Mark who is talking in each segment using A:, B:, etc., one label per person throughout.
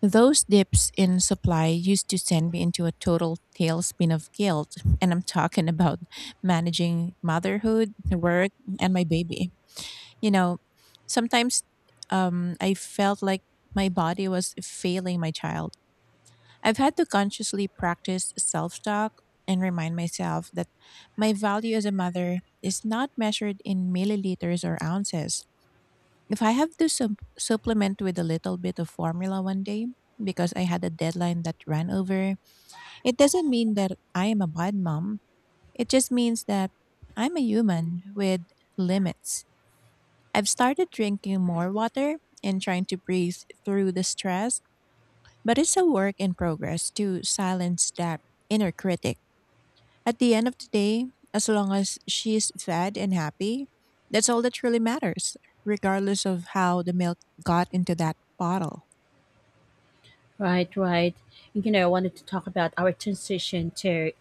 A: Those dips in supply used to send me into a total tailspin of guilt, and I'm talking about managing motherhood, work, and my baby. You know, sometimes I felt like my body was failing my child. I've had to consciously practice self talk and remind myself that my value as a mother is not measured in milliliters or ounces. If I have to supplement with a little bit of formula one day because I had a deadline that ran over, it doesn't mean that I am a bad mom. It just means that I'm a human with limits. I've started drinking more water and trying to breathe through the stress, but it's a work in progress to silence that inner critic. At the end of the day, as long as she's fed and happy, that's all that really matters, regardless of how the milk got into that bottle.
B: Right, right. I wanted to talk about our transition to,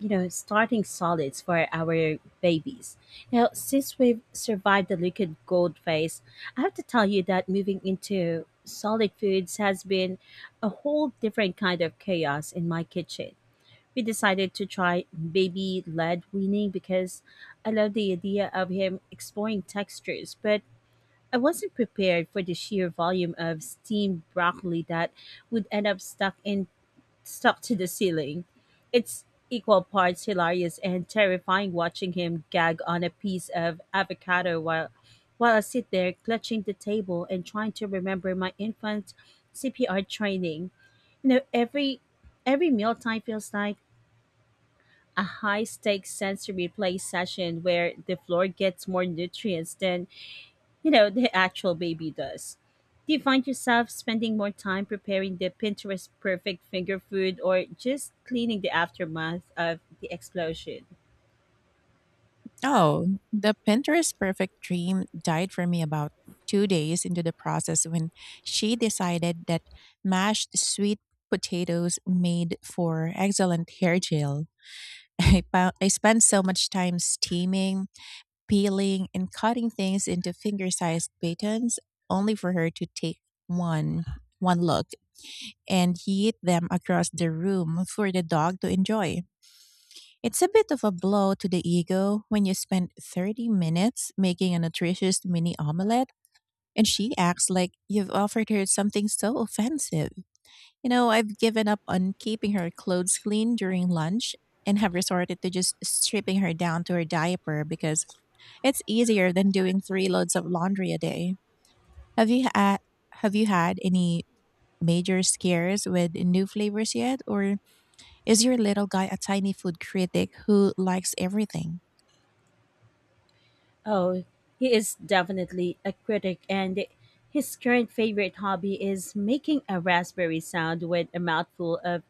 B: starting solids for our babies. Now, since we've survived the liquid gold phase, I have to tell you that moving into solid foods has been a whole different kind of chaos in my kitchen. We decided to try baby led weaning because I love the idea of him exploring textures, but I wasn't prepared for the sheer volume of steamed broccoli that would end up stuck to the ceiling. It's equal parts hilarious and terrifying watching him gag on a piece of avocado while I sit there clutching the table and trying to remember my infant CPR training. You know, every every mealtime feels like a high stakes sensory play session where the floor gets more nutrients than, the actual baby does. Do you find yourself spending more time preparing the Pinterest perfect finger food or just cleaning the aftermath of the explosion?
A: Oh, the Pinterest perfect dream died for me about 2 days into the process when she decided that mashed sweet potatoes made for excellent hair gel. I I spent so much time steaming, peeling and cutting things into finger-sized batons, only for her to take one one look and yeet them across the room for the dog to enjoy. It's a bit of a blow to the ego when you spend 30 minutes making a nutritious mini omelette and she acts like you've offered her something so offensive. You know, I've given up on keeping her clothes clean during lunch and have resorted to just stripping her down to her diaper, because it's easier than doing three loads of laundry a day. Have you had have you had any major scares with new flavors yet, or is your little guy a tiny food critic who likes everything?
B: Oh, he is definitely a critic, and his current favorite hobby is making a raspberry sound with a mouthful of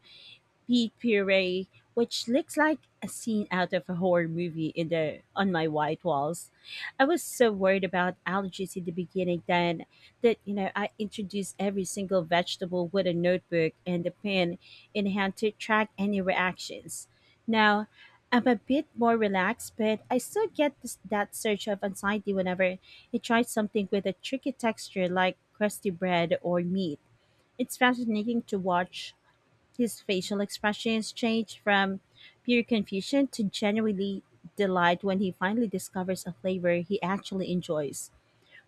B: pea puree, which looks like a scene out of a horror movie in the on my white walls. I was so worried about allergies in the beginning then that I introduced every single vegetable with a notebook and a pen in hand to track any reactions. Now I'm a bit more relaxed, but I still get that surge of anxiety whenever I try something with a tricky texture like crusty bread or meat. It's fascinating to watch his facial expressions change from pure confusion to genuinely delight when he finally discovers a flavor he actually enjoys.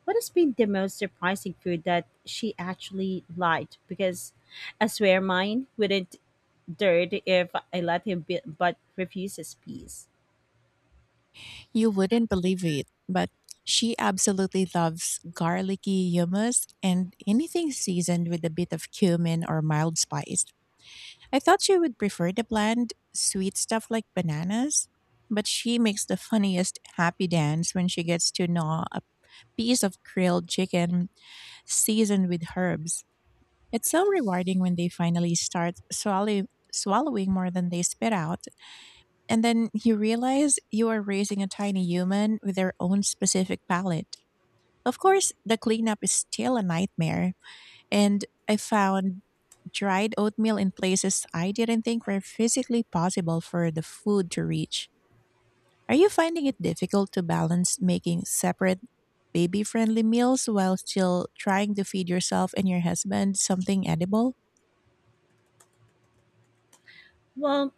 B: What has been the most surprising food that she actually liked? Because I swear mine wouldn't dirt if I let him be, but refuses peace.
A: You wouldn't believe it, but she absolutely loves garlicky hummus and anything seasoned with a bit of cumin or mild spice. I thought she would prefer the bland, sweet stuff like bananas, but she makes the funniest happy dance when she gets to gnaw a piece of grilled chicken seasoned with herbs. It's so rewarding when they finally start swallowing more than they spit out, and then you realize you are raising a tiny human with their own specific palate. Of course, the cleanup is still a nightmare, and I found dried oatmeal in places I didn't think were physically possible for the food to reach. Are you finding it difficult to balance making separate baby friendly meals while still trying to feed yourself and your husband something edible?
B: Well,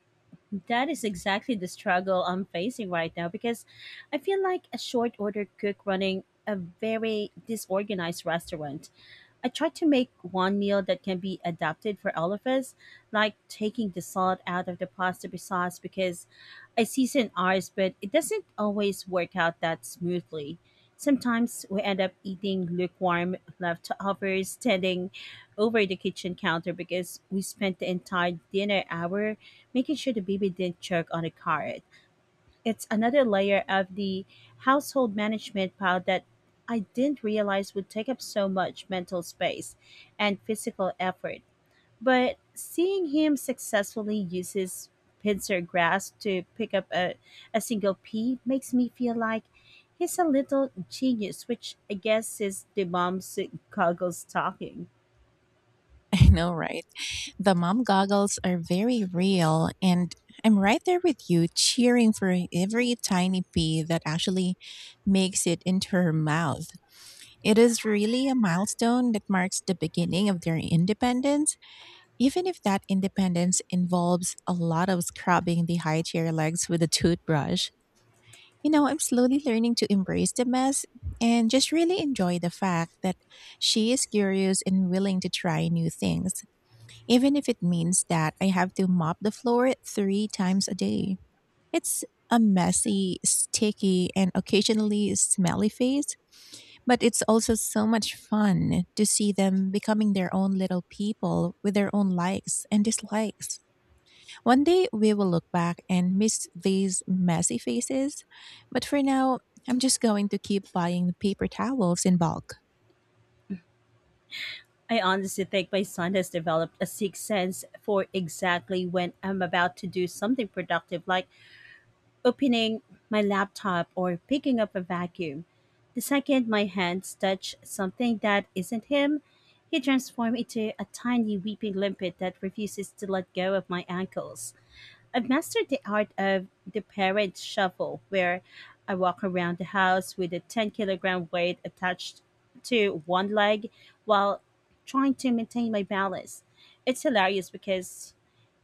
B: that is exactly the struggle I'm facing right now because I feel like a short order cook running a very disorganized restaurant. I try to make one meal that can be adapted for all of us, like taking the salt out of the pasta sauce because I season ours, but it doesn't always work out that smoothly. Sometimes we end up eating lukewarm leftovers standing over the kitchen counter because we spent the entire dinner hour making sure the baby didn't choke on the carrot. It's another layer of the household management pile that I didn't realize would take up so much mental space and physical effort. But seeing him successfully use his pincer grasp to pick up a single pea makes me feel like he's a little genius, which I guess is the mom's goggle stocking.
A: I know, right? The mom goggles are very real, and I'm right there with you, cheering for every tiny pea that actually makes it into her mouth. It is really a milestone that marks the beginning of their independence, even if that independence involves a lot of scrubbing the high chair legs with a toothbrush. You know, I'm slowly learning to embrace the mess and just really enjoy the fact that she is curious and willing to try new things, even if it means that I have to mop the floor three times a day. It's a messy, sticky, and occasionally smelly phase, but it's also so much fun to see them becoming their own little people with their own likes and dislikes. One day we will look back and miss these messy faces, but for now, I'm just going to keep buying the paper towels in bulk.
B: I honestly think my son has developed a sixth sense for exactly when I'm about to do something productive, like opening my laptop or picking up a vacuum. The second my hands touch something that isn't him, he transforms into a tiny weeping limpet that refuses to let go of my ankles. I've mastered the art of the parade shuffle, where I walk around the house with a 10 kilogram weight attached to one leg while trying to maintain my balance. It's hilarious because,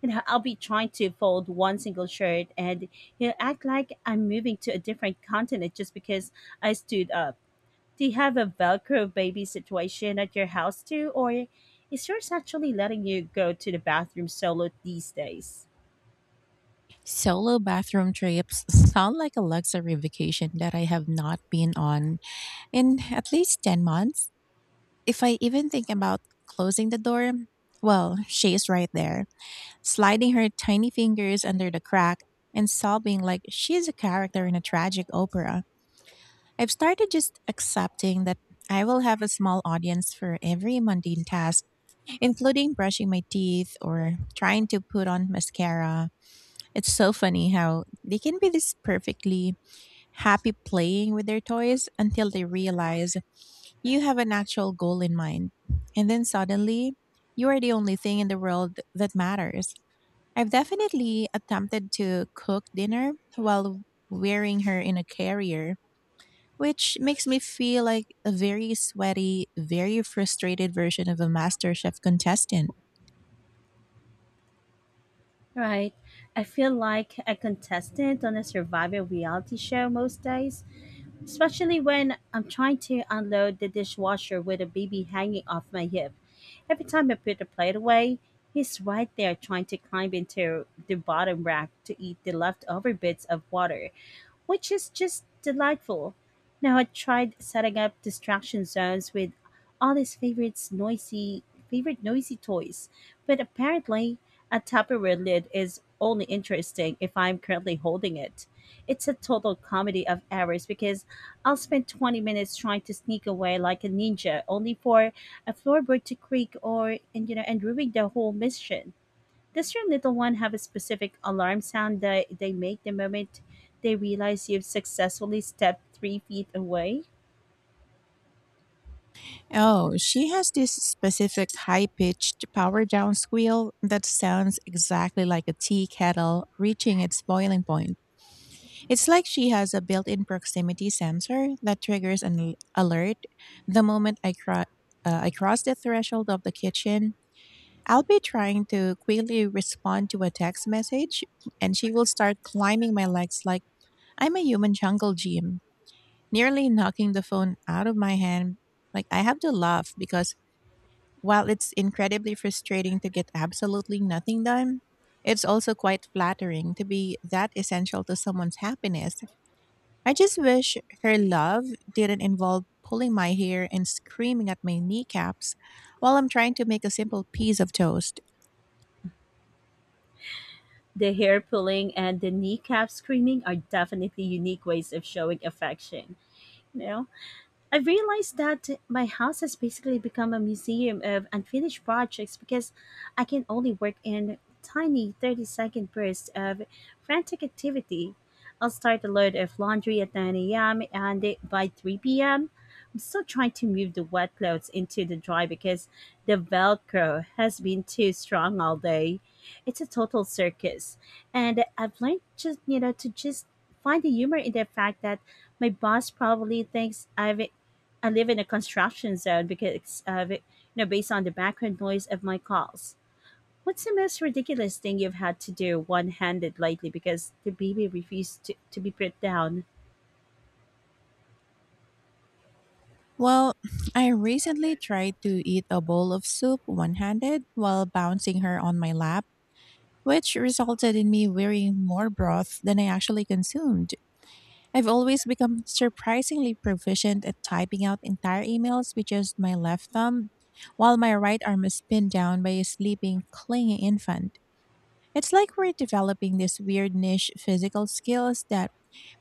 B: I'll be trying to fold one single shirt and he'll act like I'm moving to a different continent just because I stood up. Do you have a Velcro baby situation at your house too, or is yours actually letting you go to the bathroom solo these days?
A: Solo bathroom trips sound like a luxury vacation that I have not been on in at least 10 months. If I even think about closing the door, well, she's right there, sliding her tiny fingers under the crack and sobbing like she's a character in a tragic opera. I've started just accepting that I will have a small audience for every mundane task, including brushing my teeth or trying to put on mascara. It's so funny how they can be this perfectly happy playing with their toys until they realize you have an actual goal in mind. And then suddenly, you are the only thing in the world that matters. I've definitely attempted to cook dinner while wearing her in a carrier, which makes me feel like a very sweaty, very frustrated version of a MasterChef contestant.
B: Right. I feel like a contestant on a survival reality show most days, especially when I'm trying to unload the dishwasher with a baby hanging off my hip. Every time I put the plate away, he's right there trying to climb into the bottom rack to eat the leftover bits of water, which is just delightful. Now, I tried setting up distraction zones with all his favorites noisy favorite noisy toys, but apparently a Tupperware lid is only interesting if I'm currently holding it. It's a total comedy of errors because I'll spend 20 minutes trying to sneak away like a ninja, only for a floorboard to creak or and, and ruin the whole mission. Does your little one have a specific alarm sound that they make the moment they realize you've successfully stepped 3 feet away?
A: Oh, she has this specific high pitched power down squeal that sounds exactly like a tea kettle reaching its boiling point. It's like she has a built in proximity sensor that triggers an alert the moment I cross the threshold of the kitchen. I'll be trying to quickly respond to a text message, and she will start climbing my legs like I'm a human jungle gym, nearly knocking the phone out of my hand. Like, I have to laugh because while it's incredibly frustrating to get absolutely nothing done, it's also quite flattering to be that essential to someone's happiness. I just wish her love didn't involve pulling my hair and screaming at my kneecaps while I'm trying to make a simple piece of toast.
B: The hair pulling and the kneecap screaming are definitely unique ways of showing affection. You know? I've realized that my house has basically become a museum of unfinished projects because I can only work in tiny 30-second bursts of frantic activity. I'll start a load of laundry at 9 a.m. and by 3 p.m., I'm still trying to move the wet clothes into the dry because the Velcro has been too strong all day. It's a total circus. And I've learned to just find the humor in the fact that my boss probably thinks I live in a construction zone because of it, based on the background noise of my calls. What's the most ridiculous thing you've had to do one handed lately because the baby refused to be put down?
A: Well, I recently tried to eat a bowl of soup one handed while bouncing her on my lap, which resulted in me wearing more broth than I actually consumed. I've always become surprisingly proficient at typing out entire emails with just my left thumb, while my right arm is pinned down by a sleeping, clingy infant. It's like we're developing these weird niche physical skills that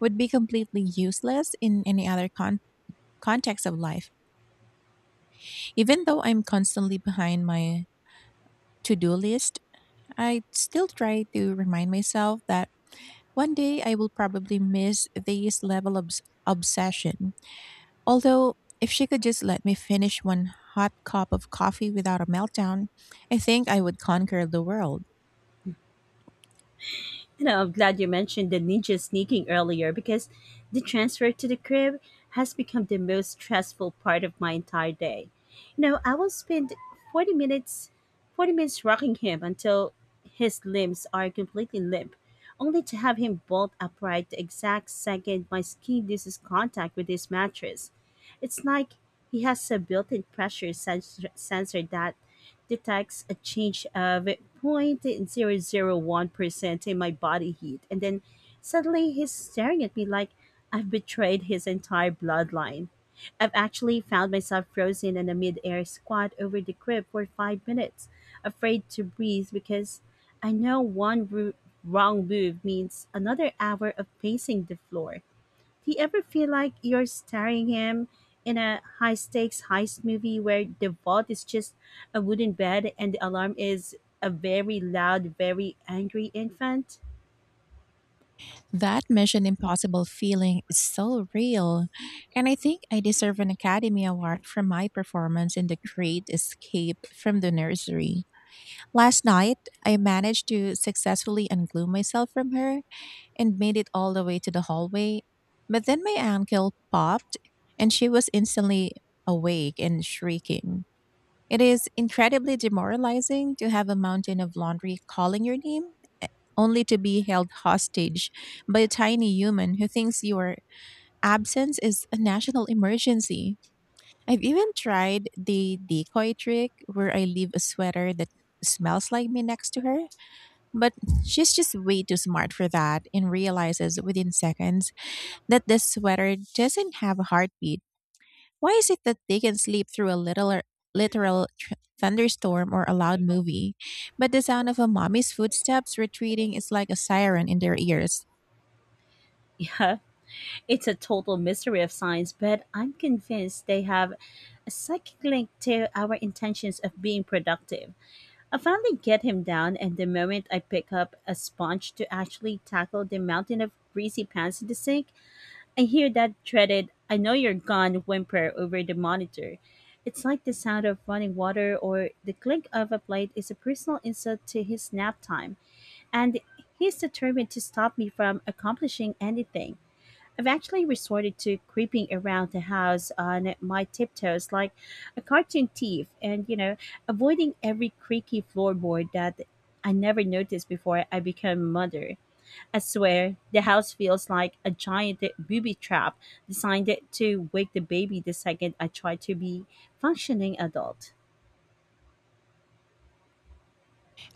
A: would be completely useless in any other context of life. Even though I'm constantly behind my to do list, I still try to remind myself that one day I will probably miss this level of obsession. Although, if she could just let me finish one hot cup of coffee without a meltdown, I think I would conquer the world.
B: I'm glad you mentioned the ninja sneaking earlier because the transfer to the crib has become the most stressful part of my entire day. You know, I will spend 40 minutes 40 minutes rocking him until his limbs are completely limp, only to have him bolt upright the exact second my skin loses contact with his mattress. It's like he has a built-in sensor that detects a change of 0.001% in my body heat. And then suddenly he's staring at me like I've betrayed his entire bloodline. I've actually found myself frozen in a mid-air squat over the crib for 5 minutes, afraid to breathe because I know wrong move means another hour of pacing the floor. Do you ever feel like you're staring him in a high stakes heist movie where the vault is just a wooden bed and the alarm is a very loud, very angry infant?
A: That Mission Impossible feeling is so real. And I think I deserve an Academy Award for my performance in The Great Escape from the Nursery. Last night, I managed to successfully unglue myself from her and made it all the way to the hallway. But then my ankle popped and she was instantly awake and shrieking. It is incredibly demoralizing to have a mountain of laundry calling your name, eh, only to be held hostage by a tiny human who thinks your absence is a national emergency. I've even tried the decoy trick where I leave a sweater that smells like me next to her, but she's just way too smart for that and realizes within seconds that the sweater doesn't have a heartbeat. Why is it that they can sleep through a little or literal tr- thunderstorm or a loud movie, but the sound of a mommy's footsteps retreating is like a siren in their ears?
B: Yeah, it's a total mystery of science, but I'm convinced they have a psychic link to our intentions of being productive. I finally get him down, and the moment I pick up a sponge to actually tackle the mountain of greasy pans in the sink, I hear that dreaded I know you're gone whimper over the monitor. It's like the sound of running water or the clink of a plate is a personal insult to his nap time, and he's determined to stop me from accomplishing anything. I've actually resorted to creeping around the house on my tiptoes like a cartoon thief and, avoiding every creaky floorboard that I never noticed before I became a mother. I swear, the house feels like a giant booby trap designed to wake the baby the second I try to be functioning adult.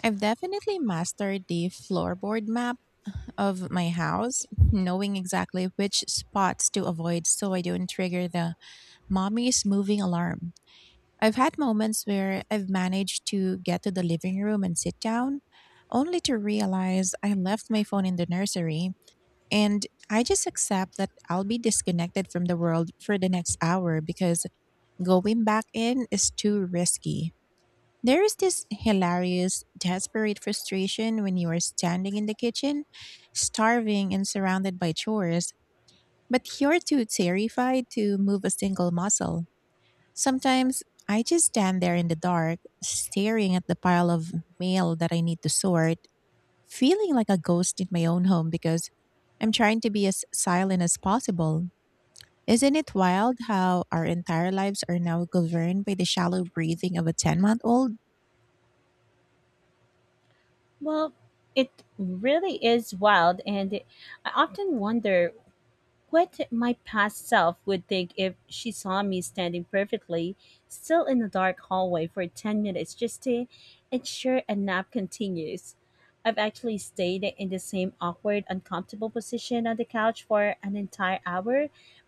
A: I've definitely mastered the floorboard map of my house, knowing exactly which spots to avoid so I don't trigger the mommy's moving alarm. I've had moments where I've managed to get to the living room and sit down, only to realize I left my phone in the nursery. And I just accept that I'll be disconnected from the world for the next hour because going back in is too risky. There is this hilarious, desperate frustration when you are standing in the kitchen, starving and surrounded by chores, but you're too terrified to move a single muscle. Sometimes I just stand there in the dark, staring at the pile of mail that I need to sort, feeling like a ghost in my own home because I'm trying to be as silent as possible. Isn't it wild how our entire lives are now governed by the shallow breathing of a 10-month-old?
B: Well, it really is wild, and I often wonder what my past self would think if she saw me standing perfectly still in a dark hallway for 10 minutes just to ensure a nap continues. I've actually stayed in the same awkward, uncomfortable position on the couch for an entire hour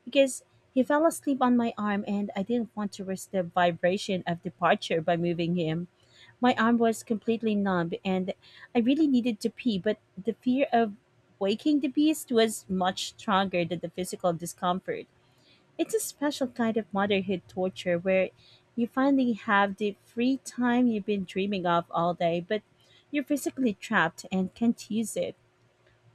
B: because he fell asleep on my arm and I didn't want to risk the vibration of departure by moving him. My arm was completely numb and I really needed to pee, but the fear of waking the beast was much stronger than the physical discomfort. It's a special kind of motherhood torture where you finally have the free time you've been dreaming of all day, but you're physically trapped and can't use it.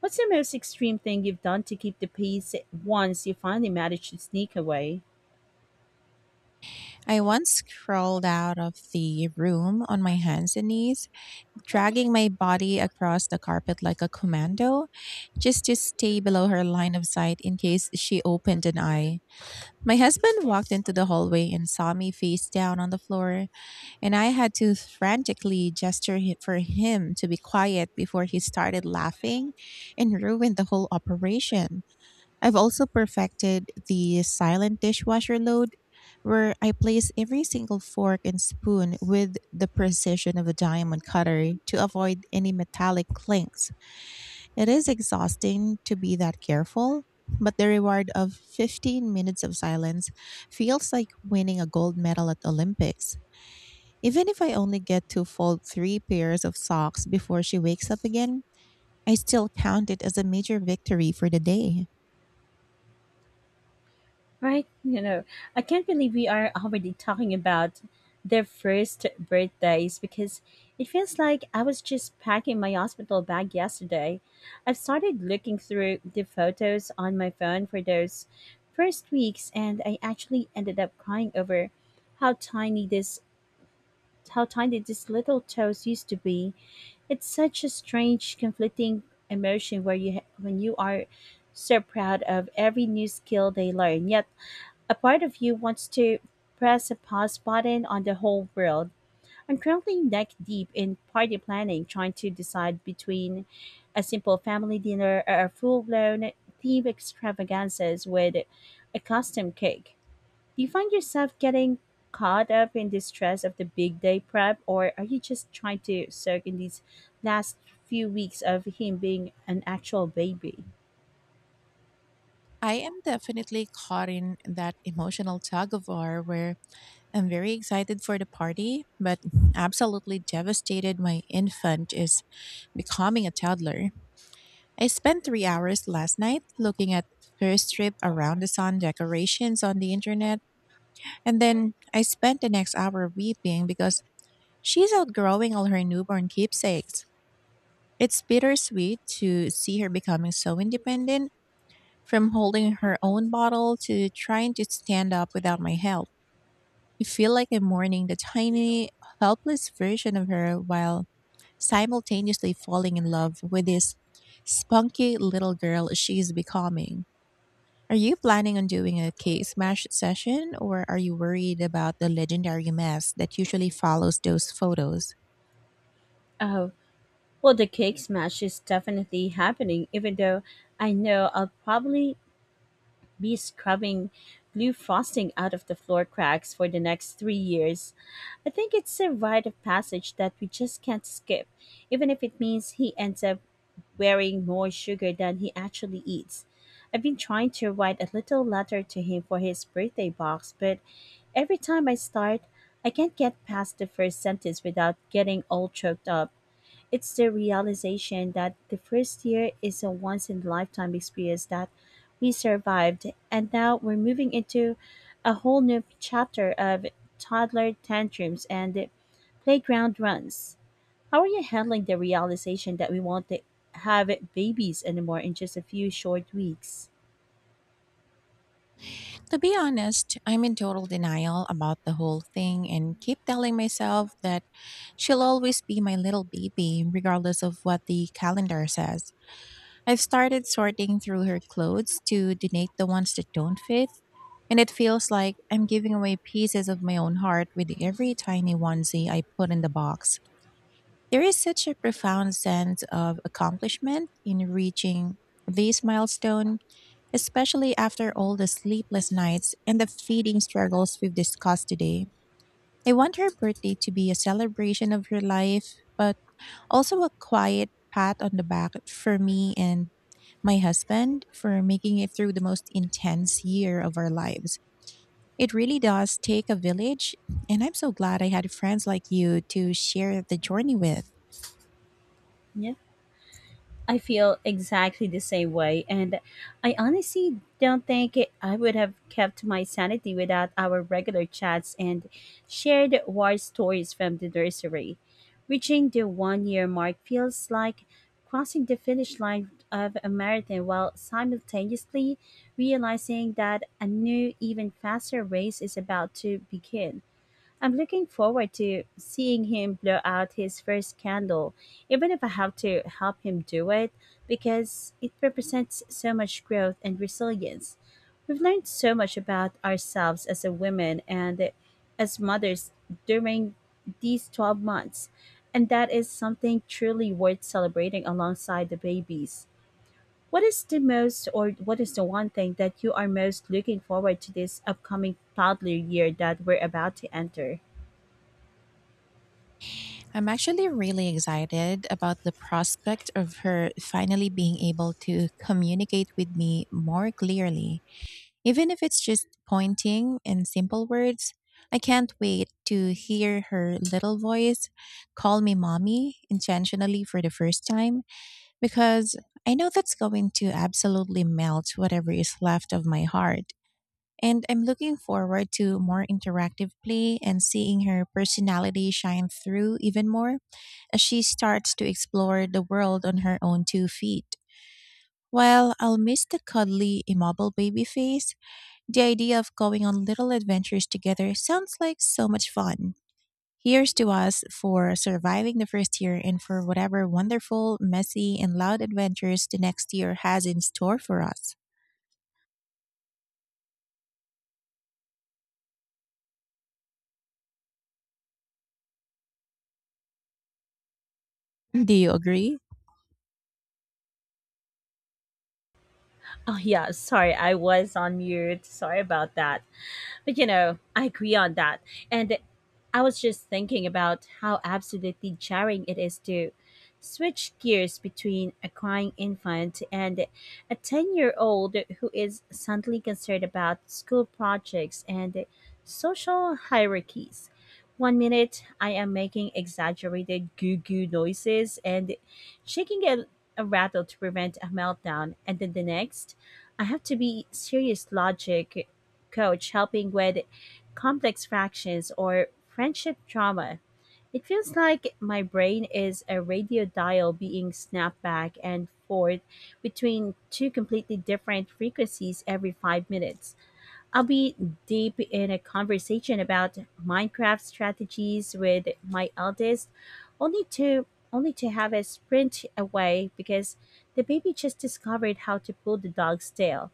B: What's the most extreme thing you've done to keep the peace once you finally manage to sneak away?
A: I once crawled out of the room on my hands and knees, dragging my body across the carpet like a commando, just to stay below her line of sight in case she opened an eye. My husband walked into the hallway and saw me face down on the floor, and I had to frantically gesture for him to be quiet before he started laughing and ruined the whole operation. I've also perfected the silent dishwasher load, where I place every single fork and spoon with the precision of a diamond cutter to avoid any metallic clinks. It is exhausting to be that careful, but the reward of 15 minutes of silence feels like winning a gold medal at Olympics. Even if I only get to fold three pairs of socks before she wakes up again, I still count it as a major victory for the day.
B: Right? I can't believe we are already talking about their first birthdays because it feels like I was just packing my hospital bag yesterday. I've started looking through the photos on my phone for those first weeks, and I actually ended up crying over how tiny this how tiny these little toes used to be. It's such a strange, conflicting emotion where when you are so proud of every new skill they learn yet a part of you wants to press a pause button on the whole world. I'm currently neck deep in party planning, trying to decide between a simple family dinner or a full blown theme extravaganzas with a custom cake. Do you find yourself getting caught up in the stress of the big day prep, or are you just trying to soak in these last few weeks of him being an actual baby?
A: I am definitely caught in that emotional tug of war where I'm very excited for the party, but absolutely devastated my infant is becoming a toddler. I spent 3 hours last night looking at first trip around the sun decorations on the internet, and then I spent the next hour weeping because she's outgrowing all her newborn keepsakes. It's bittersweet to see her becoming so independent, from holding her own bottle to trying to stand up without my help. I feel like I'm mourning the tiny, helpless version of her while simultaneously falling in love with this spunky little girl she is becoming. Are you planning on doing a cake smash session, or are you worried about the legendary mess that usually follows those photos?
B: Oh, well, the cake smash is definitely happening, even though I know I'll probably be scrubbing blue frosting out of the floor cracks for the next 3 years. I think it's a rite of passage that we just can't skip, even if it means he ends up wearing more sugar than he actually eats. I've been trying to write a little letter to him for his birthday box, but every time I start, I can't get past the first sentence without getting all choked up. It's the realization that the first year is a once in a lifetime experience that we survived, and now we're moving into a whole new chapter of toddler tantrums and playground runs. How are you handling the realization that we won't have babies anymore in just a few short weeks?
A: To be honest, I'm in total denial about the whole thing and keep telling myself that she'll always be my little baby regardless of what the calendar says. I've started sorting through her clothes to donate the ones that don't fit, and it feels like I'm giving away pieces of my own heart with every tiny onesie I put in the box. There is such a profound sense of accomplishment in reaching this milestone, especially after all the sleepless nights and the feeding struggles we've discussed today. I want her birthday to be a celebration of her life, but also a quiet pat on the back for me and my husband for making it through the most intense year of our lives. It really does take a village, and I'm so glad I had friends like you to share the journey with.
B: Yeah. I feel exactly the same way, and I honestly don't think it, I would have kept my sanity without our regular chats and shared war stories from the nursery. Reaching the one year mark feels like crossing the finish line of a marathon while simultaneously realizing that a new, even faster race is about to begin. I'm looking forward to seeing him blow out his first candle, even if I have to help him do it, because it represents so much growth and resilience. We've learned so much about ourselves as a woman and as mothers during these 12 months, and that is something truly worth celebrating alongside the babies. What is the one thing that you are most looking forward to this upcoming toddler year that we're about to enter?
A: I'm actually really excited about the prospect of her finally being able to communicate with me more clearly, even if it's just pointing and simple words. I can't wait to hear her little voice call me mommy intentionally for the first time, because I know that's going to absolutely melt whatever is left of my heart. And I'm looking forward to more interactive play and seeing her personality shine through even more as she starts to explore the world on her own two feet. While I'll miss the cuddly, immobile baby face, the idea of going on little adventures together sounds like so much fun. Here's to us for surviving the first year and for whatever wonderful, messy, and loud adventures the next year has in store for us. Do you agree?
B: Oh, yeah. Sorry, I was on mute. Sorry about that. But you know, I agree on that. And I was just thinking about how absolutely jarring it is to switch gears between a crying infant and a 10-year-old who is suddenly concerned about school projects and social hierarchies. One minute, I am making exaggerated goo goo noises and shaking a rattle to prevent a meltdown, and then the next, I have to be serious logic coach helping with complex fractions or friendship drama. It feels like my brain is a radio dial being snapped back and forth between two completely different frequencies every five minutes. I'll be deep in a conversation about Minecraft strategies with my eldest, only to only to have a sprint away because the baby just discovered how to pull the dog's tail.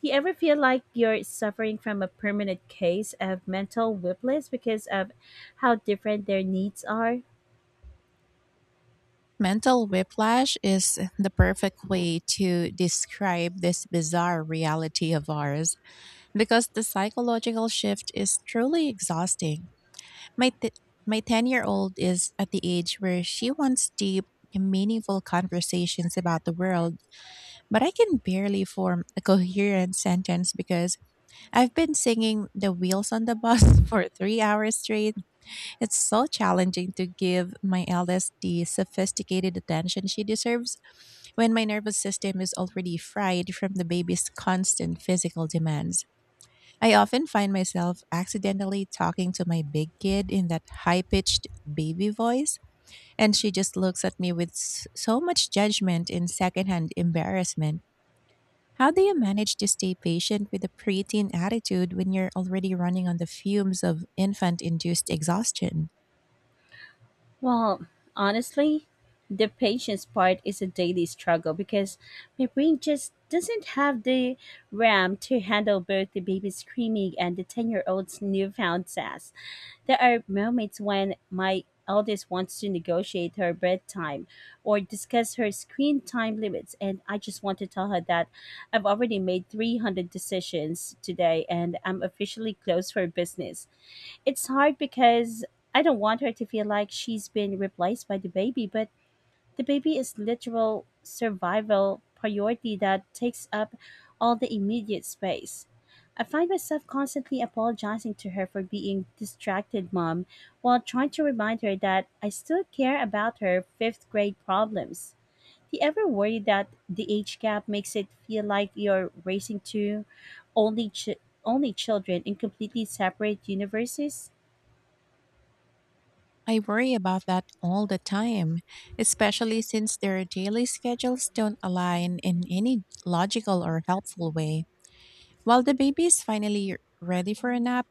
B: You ever feel like you're suffering from a permanent case of mental whiplash because of how different their needs are?
A: Mental whiplash is the perfect way to describe this bizarre reality of ours, because the psychological shift is truly exhausting. My t- my 10-year-old is at the age where she wants deep, meaningful conversations about the world, but I can barely form a coherent sentence because I've been singing The Wheels on the Bus for 3 hours straight. It's so challenging to give my eldest the sophisticated attention she deserves when my nervous system is already fried from the baby's constant physical demands. I often find myself accidentally talking to my big kid in that high pitched baby voice, and she just looks at me with so much judgment and secondhand embarrassment. How do you manage to stay patient with a preteen attitude when you're already running on the fumes of infant induced exhaustion?
B: Well, honestly, the patience part is a daily struggle because my brain just doesn't have the RAM to handle both the baby screaming and the 10-year old's newfound sass. There are moments when my eldest wants to negotiate her bedtime or discuss her screen time limits, and I just want to tell her that I've already made 300 decisions today and I'm officially closed for business. It's hard because I don't want her to feel like she's been replaced by the baby, but the baby is literal survival priority that takes up all the immediate space. I find myself constantly apologizing to her for being distracted mom while trying to remind her that I still care about her fifth grade problems. Do you ever worry that the age gap makes it feel like you're raising two only ch- only children in completely separate universes?
A: I worry about that all the time, especially since their daily schedules don't align in any logical or helpful way. While the baby is finally ready for a nap,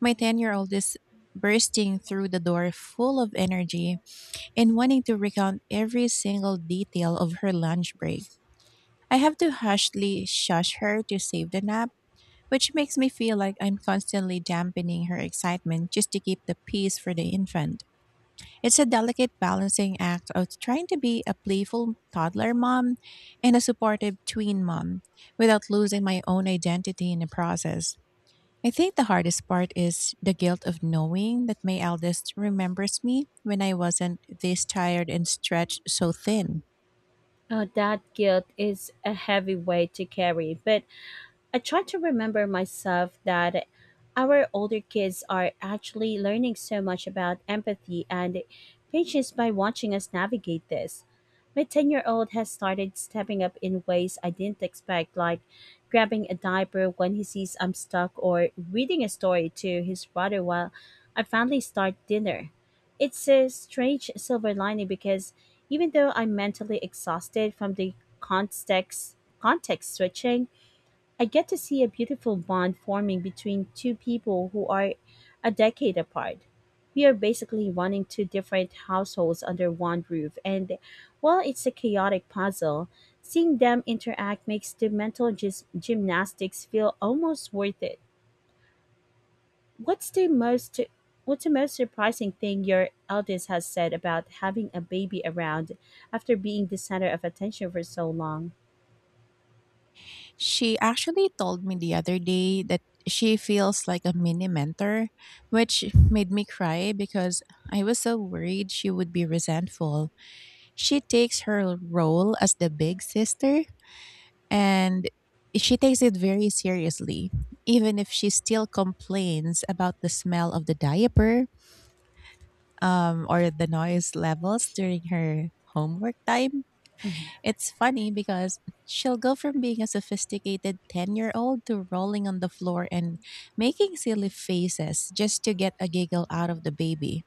A: my 10-year-old is bursting through the door full of energy and wanting to recount every single detail of her lunch break. I have to hushly shush her to save the nap, which makes me feel like I'm constantly dampening her excitement just to keep the peace for the infant. It's a delicate balancing act of trying to be a playful toddler mom and a supportive tween mom without losing my own identity in the process. I think the hardest part is the guilt of knowing that my eldest remembers me when I wasn't this tired and stretched so thin.
B: Oh, that guilt is a heavy weight to carry, but I try to remember myself that our older kids are actually learning so much about empathy and patience by watching us navigate this. My 10-year-old has started stepping up in ways I didn't expect, like grabbing a diaper when he sees I'm stuck or reading a story to his brother while I finally start dinner. It's a strange silver lining because even though I'm mentally exhausted from the context switching, I get to see a beautiful bond forming between two people who are a decade apart. We are basically running two different households under one roof, and while it's a chaotic puzzle, seeing them interact makes the mental gymnastics feel almost worth it. What's the most What's the most surprising thing your eldest has said about having a baby around after being the center of attention for so long?
A: She actually told me the other day that she feels like a mini mentor, which made me cry because I was so worried she would be resentful. She takes her role as the big sister, and she takes it very seriously, even if she still complains about the smell of the diaper or the noise levels during her homework time.
B: Mhm.
A: It's funny because she'll go from being a sophisticated 10-year-old to rolling on the floor and making silly faces just to get a giggle out of the baby.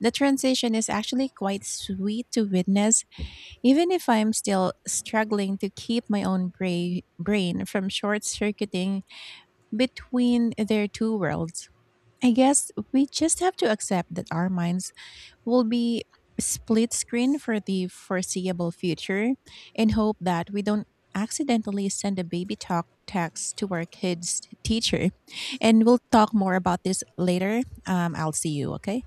A: The transition is actually quite sweet to witness. Even if I'm still struggling to keep my own brain from short circuiting between their two worlds, I guess we just have to accept that our minds will be split screen for the foreseeable future and hope that we don't accidentally send a baby talk text to our kids' teacher. And we'll talk more about this later. I'll see you, okay?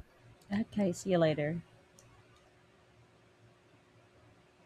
B: Okay, see you later.